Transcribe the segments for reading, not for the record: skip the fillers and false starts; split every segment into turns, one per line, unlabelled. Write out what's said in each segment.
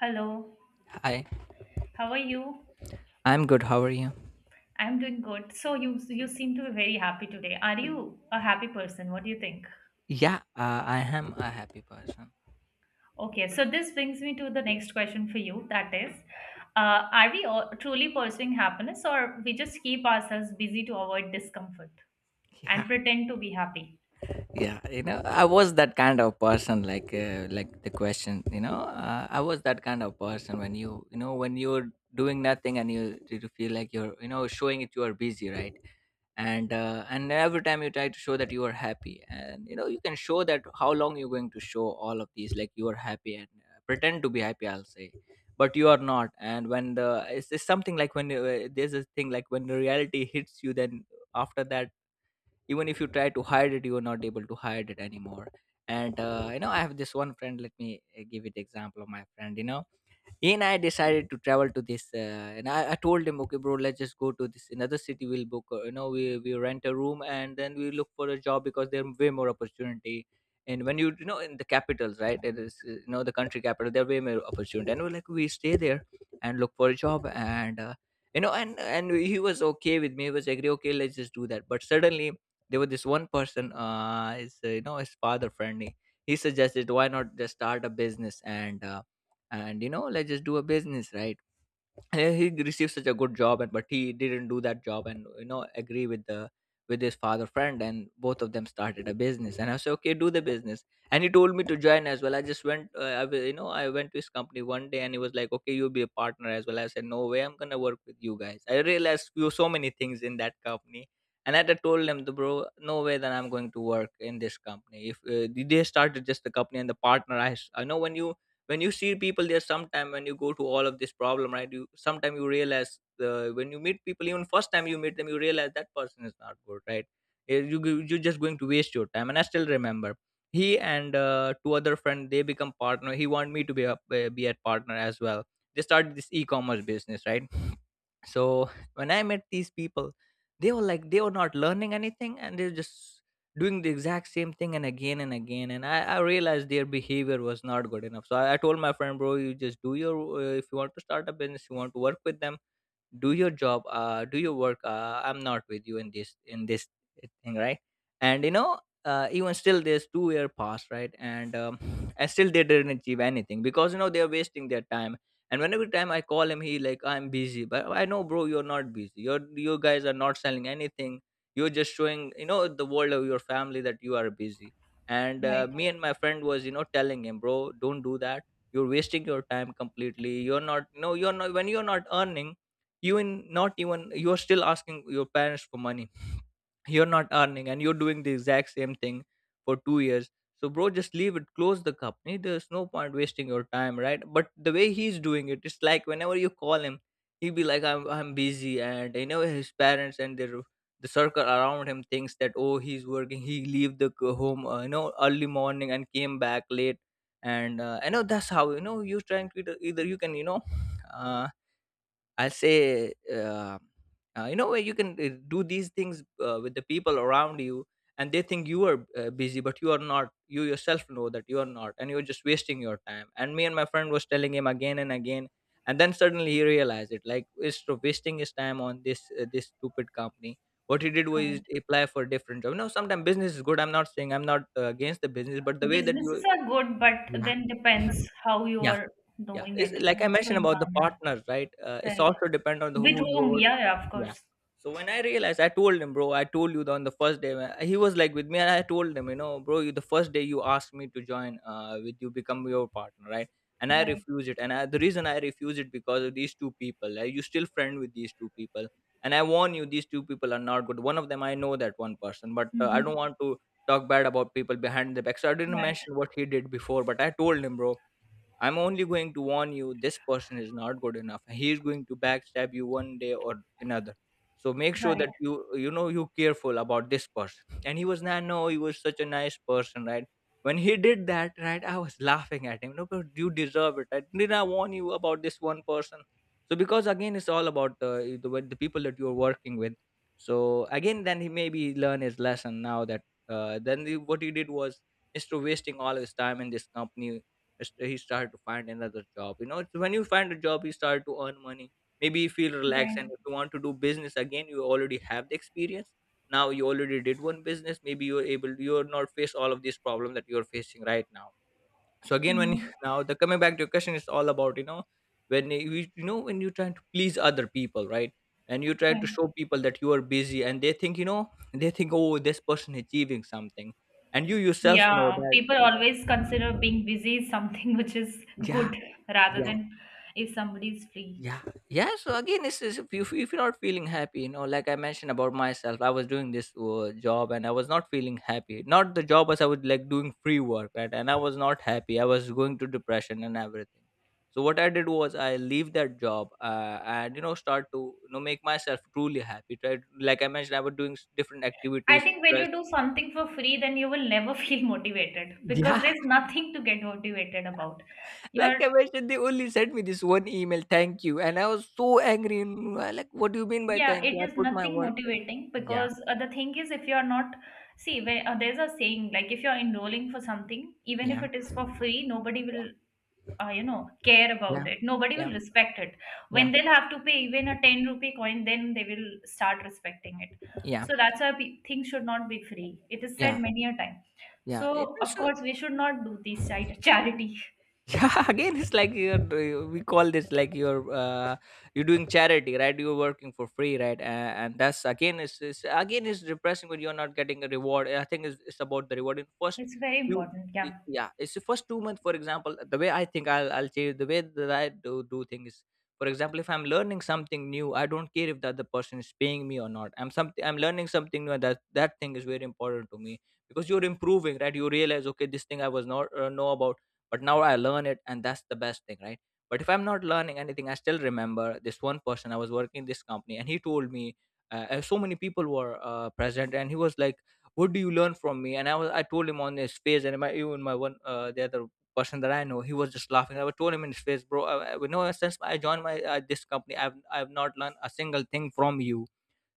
Hello,
Hi,
how are you?
I'm good. How are you?
I'm doing good. So you seem to be very happy today. Are you a happy person? What do you think?
Yeah, I am a happy person.
Okay, so this brings me to the next question for you. That is, are we all truly pursuing happiness, or we just keep ourselves busy to avoid discomfort and
Yeah,
pretend to be happy?
yeah, you know, I was that kind of person, like like the question, you know, I was that kind of person when you know, when you're doing nothing, and you feel like you're, you know, showing it, you are busy, right? And and every time you try to show that you are happy, and you know you can show that, how long you're going to show all of these, like you are happy, and pretend to be happy, I'll say. But you are not. And when the it's something like, when there's a thing, like when the reality hits you, then, after that, even if you try to hide it, you are not able to hide it anymore. And you know, I have this one friend. Let me give it example of my friend, you know. And I decided to travel to this. And I told him, okay, bro, let's just go to this another city. We'll book, you know, we rent a room, and then we look for a job, because there are way more opportunity. And when you know, in the capitals, right? It is, you know, the country capital, there are way more opportunity. And we're like, we stay there and look for a job. And, you know, and he was okay with me. He was agree, okay, let's just do that. But suddenly there was this one person, is, you know, his father friendly. He suggested, why not just start a business, and you know, let's just do a business, right? He received such a good job, and but he didn't do that job, and you know, agree with the with his father friend, and both of them started a business. And I said, okay, do the business. And he told me to join as well. I just went, you know, I went to his company one day, and he was like, okay, you'll be a partner as well. I said, no way I'm gonna work with you guys. I realized few so many things in that company. And I had told him, the bro, no way that I'm going to work in this company. If they started just the company and the partner, I know when you, when you see people there sometime, when you go to all of this problem, right? You sometime you realize, when you meet people, even first time you meet them, you realize that person is not good, right? You're just going to waste your time. And I still remember, he and two other friend, they become partner. He want me to be a partner as well. They started this e-commerce business, right? So when I met these people, they were like, they were not learning anything, and they're just doing the exact same thing and again and again. And I realized their behavior was not good enough. So I told my friend, bro, you just do your, if you want to start a business, you want to work with them, do your job. Do your work. I'm not with you in this thing, right? And you know, even still, there's 2 year passed, right? And and still they didn't achieve anything, because you know they're wasting their time. And whenever time I call him, he like, I'm busy. But I know, bro, you're not busy. You're, you guys are not selling anything. You're just showing, you know, the world of your family that you are busy. And
Right.
me and my friend was, you know, telling him, bro, don't do that. You're wasting your time completely. You're not, no, you're not. When you're not earning, you in, not even, you're still asking your parents for money. You're not earning, and you're doing the exact same thing for 2 years. So bro, just leave it, close the company. There's no point wasting your time, right? But the way he's doing it, it's like, whenever you call him, he'll be like, I'm busy. And you know his parents and their the circle around him thinks that, oh, he's working. He leave the home, you know, early morning and came back late. And I know that's how, you know, you're trying to either, either you can, you know, uh, I'll say, you know, where you can do these things with the people around you, and they think you are busy, but you are not. You yourself know that you are not, and you're just wasting your time. And me and my friend was telling him again and again. And then suddenly he realized it. Like, it's so wasting his time on this this stupid company. What he did was
Right.
apply for a different job. You know, sometimes business is good. I'm not saying I'm not against the business, but the way that
Businesses
you,
are good, but
yeah,
then depends how you
yeah,
are
yeah,
doing
it's
it.
like I
What's the
mentioned about the
environment?
partner, right? It's
Right.
also depend on the,
With
who you are
whom? Yeah, yeah, of
working. Yeah.
course.
So when I realized, I told him, bro, I told you the, on the first day. He was like with me, and I told him, you know, bro, you, the first day you asked me to join, with you become your partner, right? And I
Right.
refused it, and I, the reason I refused it because of these two people. Like, you still friend with these two people, and I warn you, these two people are not good. One of them, I know that one person, but I
Hmm.
don't want to talk bad about people behind the back. So I didn't
Right.
mention what he did before, but I told him, bro, I'm only going to warn you, this person is not good enough. He's going to backstab you one day or another. So make sure
Right.
that you know, you careful about this person. And he was not, no, he was such a nice person, right? When he did that, right, I was laughing at him. No, but you deserve it. Right? Did I warn you about this one person? So because again, it's all about the with the people that you're working with. So again, then he maybe learn his lesson now that then the, what he did was, instead of wasting all his time in this company, he started to find another job. You know, it's when you find a job, you start to earn money. Maybe you feel relaxed.
Right.
And if you want to do business again, you already have the experience. Now you already did one business, maybe you're able, you're not face all of these problems that you're facing right now. So again, when
Mhm.
you- now the coming back to your question is all about, you know, when you know, when you're trying to please other people, right? And you try to
Right.
show people that you are busy, and they think, you know, they think, oh, this person achieving something, and you yourself know
Yeah,
that.
people
Yeah.
always consider being busy something which is
Yeah.
good rather
Yeah.
than if somebody is free.
Yeah. Yeah. So again, it's, if you, if you're not feeling happy, you know, like I mentioned about myself, I was doing this job, and I was not feeling happy. Not the job, as I was like doing free work, right? And I was not happy. I was going to depression and everything. So what I did was I leave that job, and you know, start to, you know, make myself truly happy, right? Like I mentioned, I was doing different
I
activities,
think when
right?
you do something for free, then you will never feel motivated because
Yeah.
there's nothing to get motivated about.
Like
You're,
I mentioned, they only sent me this one email, thank you, and I was so angry. And, like, what do you mean by
yeah,
thank
it
you? I
is
put my
nothing
work.
motivating because the thing is, if you're not, see, where, there's a saying like if you're enrolling for something, even if
Yeah.
it is for free, nobody will care
Yeah.
about it. Nobody will
Yeah.
respect it
Yeah. Yeah.
when they'll have to pay even a 10 rupee coin. Then they will start respecting it.
Yeah.
So that's why things should not be free, it is said
Yeah.
many a time.
Yeah, it
So of
also,
course we should not do these charity.
yeah, again, it's like you're we call this like you're, you're doing charity, right? You're working for free, right? And that's again is again is depressing when you're not getting a reward. I think it's about the reward in first
It's very
few.
important,
y-
yeah.
Yeah, it's the first 2 months, for example. The way I think I'll change the way that I do things. For example, if I'm learning something new, I don't care if the other person is paying me or not. I'm something I'm learning something new, and that thing is very important to me, because you're improving, right? You realize, okay, this thing I was not know about, but now I learn it, and that's the best thing, right? But if I'm not learning anything, I still remember this one person. I was working in this company and he told me, and so many people were present, and he was like, what do you learn from me? And I told him on his face, and my, even my one, the other person that I know, he was just laughing. I was told him in his face, bro, you know, since I joined my, this company, I've not learned a single thing from you.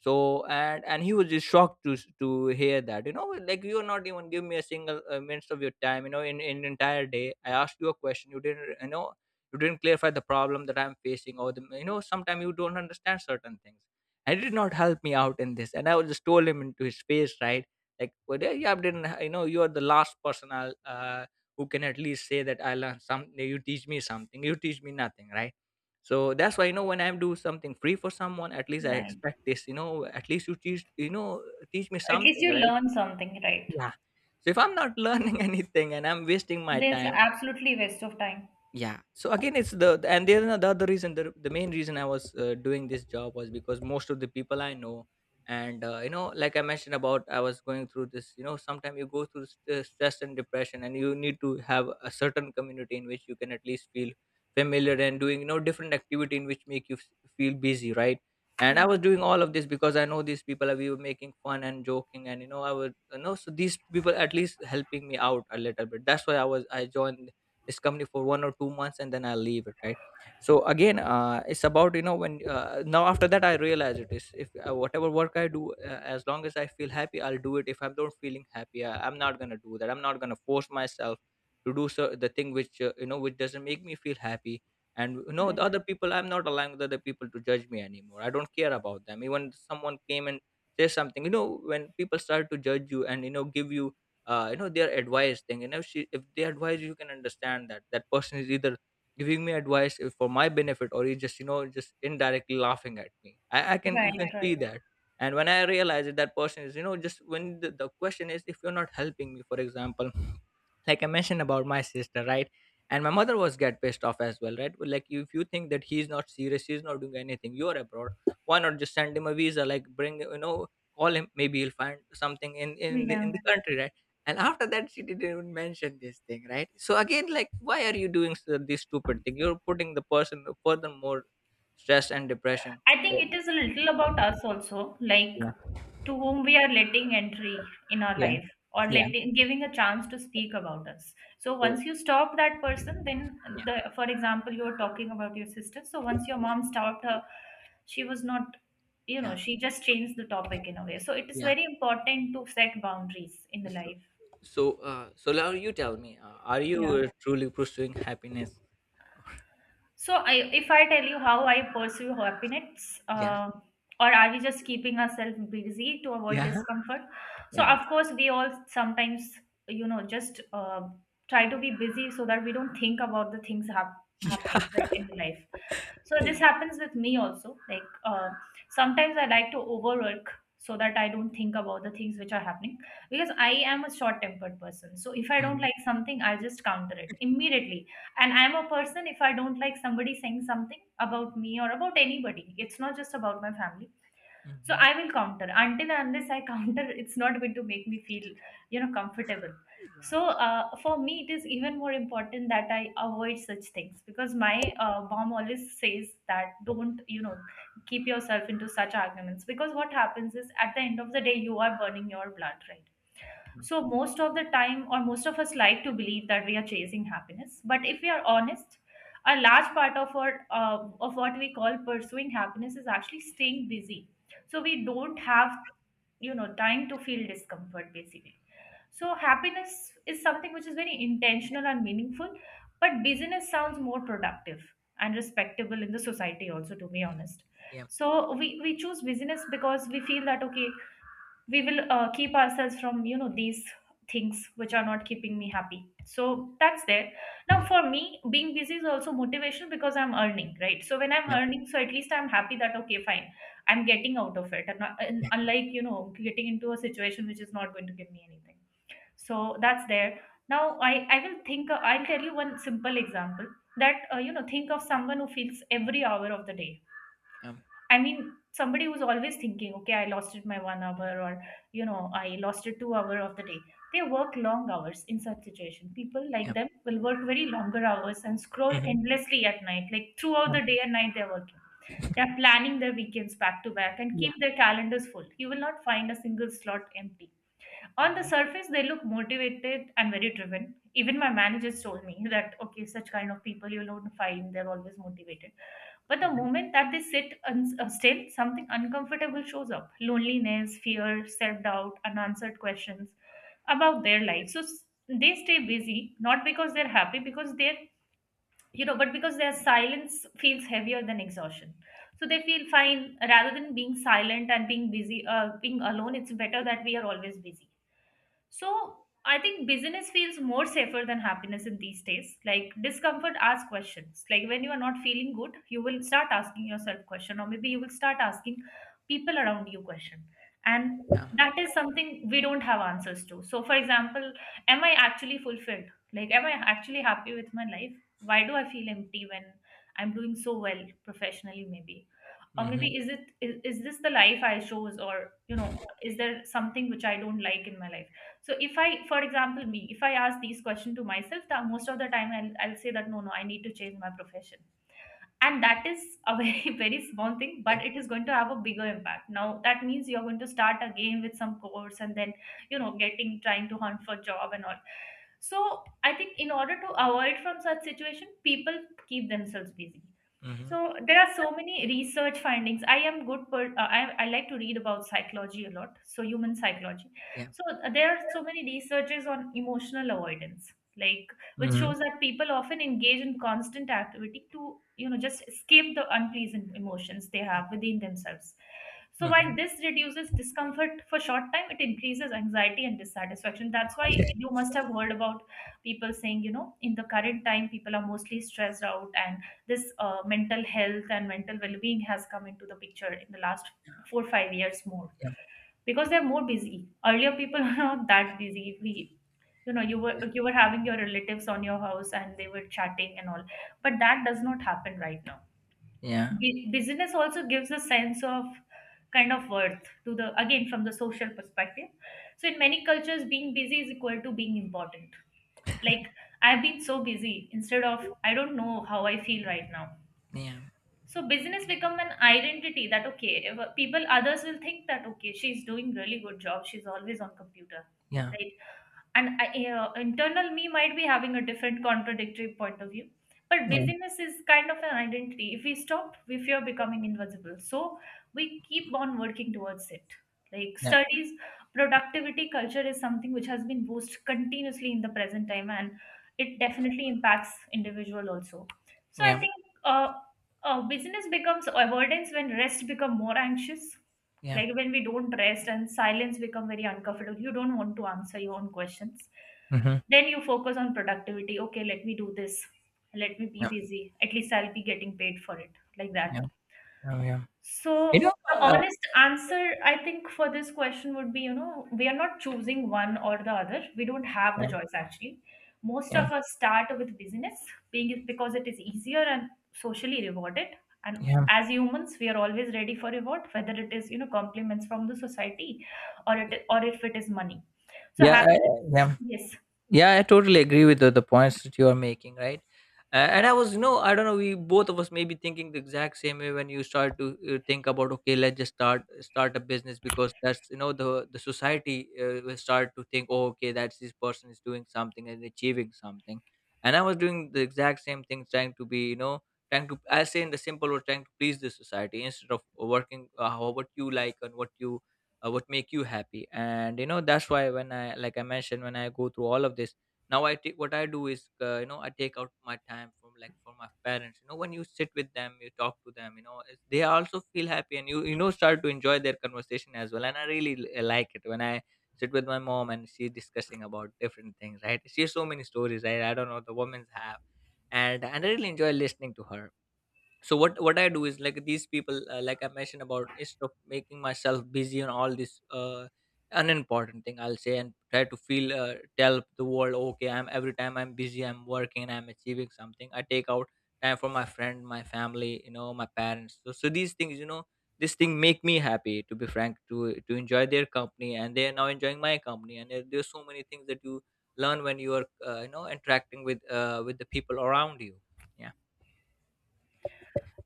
So and and he was just shocked to to hear that, you know, like, you're not even give me a single minutes of your time, you know, in the entire day. I asked you a question, you didn't, you know, you didn't clarify the problem that I'm facing, or, the you know, sometimes you don't understand certain things, and it did not help me out in this. And I was just told him into his face, right? Like, well, yeah, yeah, I didn't you know, you're the last person I'll who can at least say that I learned something. You teach me something? You teach me nothing, right? So that's why, you know, when I do something free for someone, at least I
Right.
expect this, you know, at least you teach, you know, teach me
At least
something,
you
right?
learn something, right?
Yeah. So if I'm not learning anything, and I'm wasting my
There's
time.
absolutely waste of time,
Yeah. So again, it's the, and the other reason, the main reason I was doing this job was because most of the people I know, and you know, like I mentioned about, I was going through this, you know, sometimes you go through stress and depression, and you need to have a certain community in which you can at least feel familiar, and doing, you know, different activity in which make you feel busy, right? And I
yeah.
was doing all of this because I know these people, and we were making fun and joking, and you know, I would, you know, so these people at least helping me out a little bit. That's why I joined this company for 1 or 2 months, and then I'll leave it, right? So again, it's about, you know, when now after that, I realize it is, if whatever work I do, as long as I feel happy, I'll do it. If I'm not feeling happy, I'm not gonna do that. I'm not gonna force myself to do so, the thing which you know, which doesn't make me feel happy. And you know, the
Right,
other people, I'm not allowing the other people to judge me anymore. I don't care about them, even someone came and say something, you know. When people start to judge you, and you know, give you you know, their advice thing, and if she, if they advise, you can understand that that person is either giving me advice if for my benefit, or he just, you know, just indirectly laughing at me. I can, you can,
right,
Right. see
right.
that. And when I realize that that person is, you know, just when the question is, if you're not helping me, for example, like I mentioned about my sister, right? And my mother was get pissed off as well, right? Well, like, if you think that he's not serious, he's not doing anything, you're abroad, why not just send him a visa, like bring, you know, call him, maybe he'll find something in
Yeah.
in the country, right? And after that, she didn't even mention this thing, right? So again, like, why are you doing this stupid thing? You're putting the person further more stress and depression.
I think
Yeah.
it is a little about us also, like to whom we are letting entry in our
Yeah.
life or
Yeah.
letting giving a chance to speak about us. So
So.
once you stop that person, then
Yeah.
the for example, you were talking about your sister. So once your mom stopped her, she was not, she just changed the topic in a way. So it is
Yeah.
very important to set boundaries in the
So,
life.
so, so now you tell me, are you
Yeah.
truly pursuing happiness?
So, if I tell you how I pursue happiness,
Yeah,
or are we just keeping ourselves busy to avoid
yeah,
discomfort? So,
Yeah.
of course, we all sometimes, just try to be busy so that we don't think about the things happening right in the life. So,
Yeah,
this
yeah,
happens with me also. Like sometimes I like to overwork so that I don't think about the things which are happening, because I am a short-tempered person. So, if I don't
Mm-hmm.
like something, I'll just counter it immediately. And I'm a person, if I don't like somebody saying something about me or about anybody, it's not just about my family. So
Mm-hmm.
I will counter until and unless I counter, it's not going to make me feel comfortable. So
Yeah,
for me it is even more important that I avoid such things, because my mom always says that don't keep yourself into such arguments, because what happens is at the end of the day, you are burning your blood, right?
mm.
So, most of the time, or most of us like to believe that we are chasing happiness. But if we are honest, a large part of our of what we call pursuing happiness is actually staying busy. So we don't have, time to feel discomfort basically.
Yeah.
So happiness is something which is very intentional and meaningful, but busyness sounds more productive and respectable in the society also, to be honest.
Yeah.
So we choose busyness because we feel that okay, we will keep ourselves from these things which are not keeping me happy. So that's there. Now for me being busy is also motivation because I'm earning, right? So when I'm earning, so at least I'm happy that okay, fine, I'm getting out of it, and
Yeah.
unlike getting into a situation which is not going to give me anything. So that's there. Now I will think I'll tell you one simple example. That think of someone who feels every hour of the day.
Yeah.
I mean, somebody who's always thinking, okay, I lost it my one hour, or I lost it 2 hour of the day. They work long hours in such situation. People
Yeah.
like
Yeah.
them will work very longer hours and scroll
Mm-hmm.
endlessly at night, like throughout the day and night they're working. They are planning their weekends back to back and
Yeah, yeah,
keep their calendars full. You will not find a single slot empty. On the
mhm,
surface they look motivated and very driven. Even my managers told me that okay, such kind of people you'll not find, they're always motivated. But the
mhm.
moment that they sit still, something uncomfortable shows up: loneliness, fear, self-doubt, unanswered questions about their life. So they stay busy not because they're happy, because they're you know but because their silence feels heavier than exhaustion. So they feel fine rather than being silent and being busy, being alone. It's better that we are always busy. So I think business feels more safer than happiness in these days. Like discomfort asks questions. Like when you are not feeling good, you will start asking yourself question, or maybe you will start asking people around you question. And
Yeah.
that is something we don't have answers to. So for example, am I actually fulfilled? Like am I actually happy with my life? Why do I feel empty when I'm doing so well professionally maybe? Or
Mm-hmm.
maybe is this the life I chose, or is there something which I don't like in my life? So if I for example me, if I ask these questions to myself, most of the time I'll say that no no, I need to change my profession. And that is a very very small thing,
Yeah.
but it is going to have a bigger impact now. That means you're going to start again with some course, and then getting, trying to hunt for job and all. So I think in order to avoid from such situation, people keep themselves busy.
Mm-hmm.
So there are so many research findings. I am good, I like to read about psychology a lot, so human psychology.
Yeah.
So there are so many researches on emotional avoidance, like which
Mm-hmm.
shows that people often engage in constant activity to just escape the unpleasant emotions they
Yeah.
have within themselves. So while
Mm-hmm.
this reduces discomfort for short time, it increases anxiety and dissatisfaction. That's why
Yeah.
you must have heard about people saying, in the current time, people are mostly stressed out, and this mental health and mental well-being has come into the picture in the last four five years more, because they're more busy. Earlier, people were not that busy. You were having your relatives on your house and they were chatting and all, but that does not happen right now.
Yeah.
Business also gives a sense of kind of worth to the, again, from the social perspective. So in many cultures being busy is equal to being important. Like I've been so busy, instead of I don't know how I feel right now.
Yeah.
So business become an identity, that okay, if, people others will think that okay, she's doing really good job, she's always on computer,
Yeah. Yeah.
right? And internal me might be having a different contradictory point of view, but
Yeah. Yeah. Yeah.
busyness is kind of an identity. If we stop, we fear becoming invisible, so we keep on working towards it. Like studies, productivity culture is something which has been boosted continuously in the present time, and it definitely impacts individual also. So I
Yeah.
think uh, business becomes avoidance when rest become more anxious.
Yeah.
Like when we don't rest and silence become very uncomfortable, you don't want to answer your own questions,
Mm-hmm.
then you focus on productivity. Okay, let me do this, let me be
Yeah.
busy, at least I'll be getting paid for it, like that.
Yeah. Yeah. Yeah. You
So
know.
the
Uh,
honest answer, I think, for this question would be, we are not choosing one or the other. We don't have the
yeah.
choice actually. Most of
Yeah.
us start with business being because it is easier and socially rewarded. And
Yeah.
as humans, we are always ready for reward, whether it is, compliments from the society or if it is money. So
Yeah, I,
happiness,
yeah,
yes.
yeah. I totally agree with the points that you are making, right? And I was, you know, I don't know, we both of us may be thinking the exact same way, when you start to think about, okay, let's just start a business, because that's, you know, the society will start to think, oh, okay, that's, this person is doing something and achieving something. And I was doing the exact same thing, trying to be, you know, trying to, I say in the simple, or trying to please the society, instead of working how, what you like, and what you what make you happy. And you know, that's why, when I, like I mentioned, when I go through all of this, now I take, what I do is, you know, I take out my time from, like, for my parents. You know, when you sit with them, you talk to them, you know, it's, they also feel happy, and you know, start to enjoy their conversation as well. And I really like it when I sit with my mom and she's discussing about different things, right? She has so many stories, right? I don't know, the women's have. And I really enjoy listening to her. So what I do is, like, these people, like I mentioned about, instead of making myself busy on all this unimportant thing, I'll say, and try to feel, tell the world, okay, I'm, every time I'm busy, I'm working, I'm achieving something, I take out time for my friend, my family, you know, my parents. So these things, you know, this thing make me happy, to be frank, to enjoy their company, and they are now enjoying my company. And there's so many things that you learn when you are you know, interacting with the people around you. Yeah.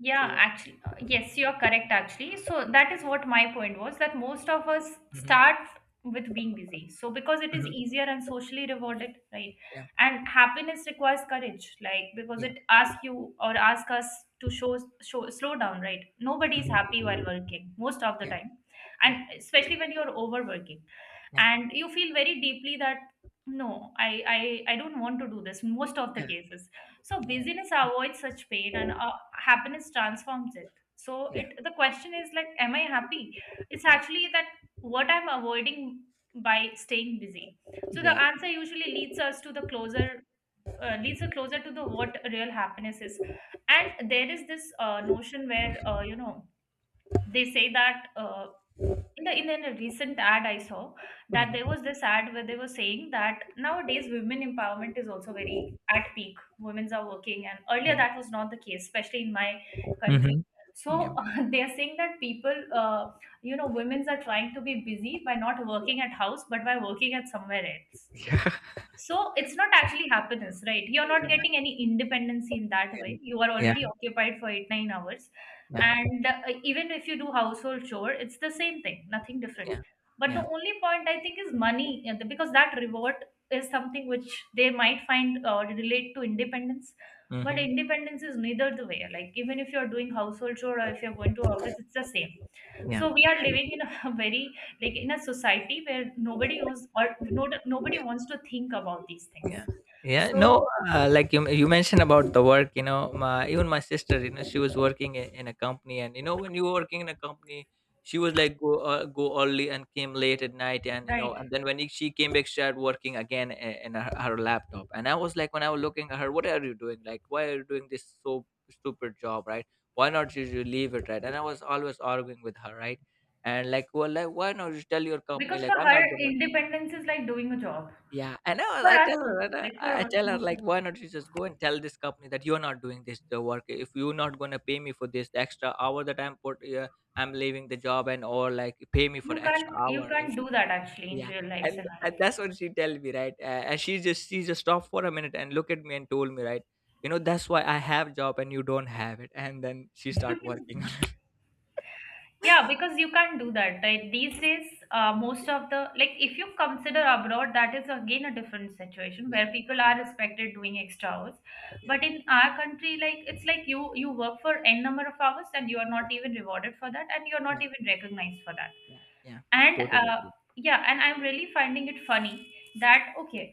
Yeah,
So.
actually, yes, you are correct, actually. So that is what my point was, that most of us
Mhm,
start with being busy. So because it is
mhm.
easier and socially
Yeah,
rewarded, right?
yeah,
And happiness requires courage, like because
yeah,
it asks you or asks us to show, show slow down, right? Nobody is
mhm,
happy while working most of the
yeah,
time,
yeah,
and especially when you're overworking
yeah,
and you feel very deeply that no, I don't want to do this most of the
yeah,
cases. So busyness avoids such pain, and happiness transforms it. So
yeah,
it the question is like, am I happy? It's
yeah,
actually that what I'm avoiding by staying busy. So the
yeah,
answer usually leads us closer to the what real happiness is. And there is this notion where they say that in a recent ad I saw, that there
mhm,
was this ad where they were saying that nowadays women empowerment is also very at peak. Women's are working, and earlier
yeah,
that was not the case, especially in my country.
mhm, yeah,
So they are saying that uh, women's are trying to be busy by not working at house, but by working at somewhere else.
yeah,
So it's not actually happiness, right? You're not getting any independency in that way. You are
yeah,
already occupied for eight, 9 hours.
yeah,
And even if you do household chore, it's the same thing, nothing different.
yeah,
But the
yeah,
only point I think is money, because that reward is something which they might find relate to independence. But
Mm-hmm.
independence is neither the way. Like even if you're doing household chore or if you're going to office, it's the same.
Yeah,
So
mhm,
we are living in a very, like in a society where nobody wants or no, nobody
yeah.
wants to think about these things.
Yeah. Yeah.
So
No, like you mentioned about the work, you know, my, even my sister, you know, she was working in a company, and you know, when you were working in a company, she was like go, go early and came late at night. And you know,
right,
and then when she came back, she started working again in her, her laptop. And I was like, when I was looking at her, what are you doing? Like, why are you doing this so stupid job? Right. Why not you, you leave it? Right. And I was always arguing with her. Right. And like, well, like, why not you tell your company,
because for
like, I'm not
her
going to,
independence is like doing a job.
yeah, I know,
For
I
us
tell her, I
also,
know,
like for
I
us,
tell her,
most of
like,
us,
why not you just go and tell this company that you're not doing this the work. If you're not gonna pay me for this the extra hour that I'm put, I'm leaving the job, and or like pay me for
you
the
can't
extra
you
hour, right?
can't do that actually in
Yeah,
real life
and
scenario.
and that's what she tell me, right? And she just stopped for a minute and look at me and told me, right? You know, that's why I have job and you don't have it. And then she start working.
Yeah, because you can't do that. Like these days, most of the like if you consider abroad, that is again a different situation
Yeah,
where people
yeah,
are respected doing extra hours. But
yeah,
in our country, like it's like you work for n number of hours, and you are not even rewarded for that, and you are not
yeah,
even recognized for that.
yeah, yeah.
And
Totally agree.
yeah, and I'm really finding it funny that okay,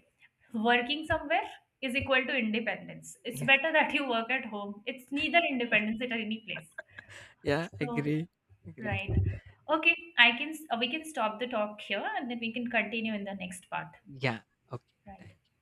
working somewhere is equal to independence. It's
Yeah,
better that you work at home. It's neither independence at any place.
yeah,
So.
agree, agree.
Right. Okay, we can stop the talk here and then we can continue in the next part.
Yeah. Okay.
Right.
Thank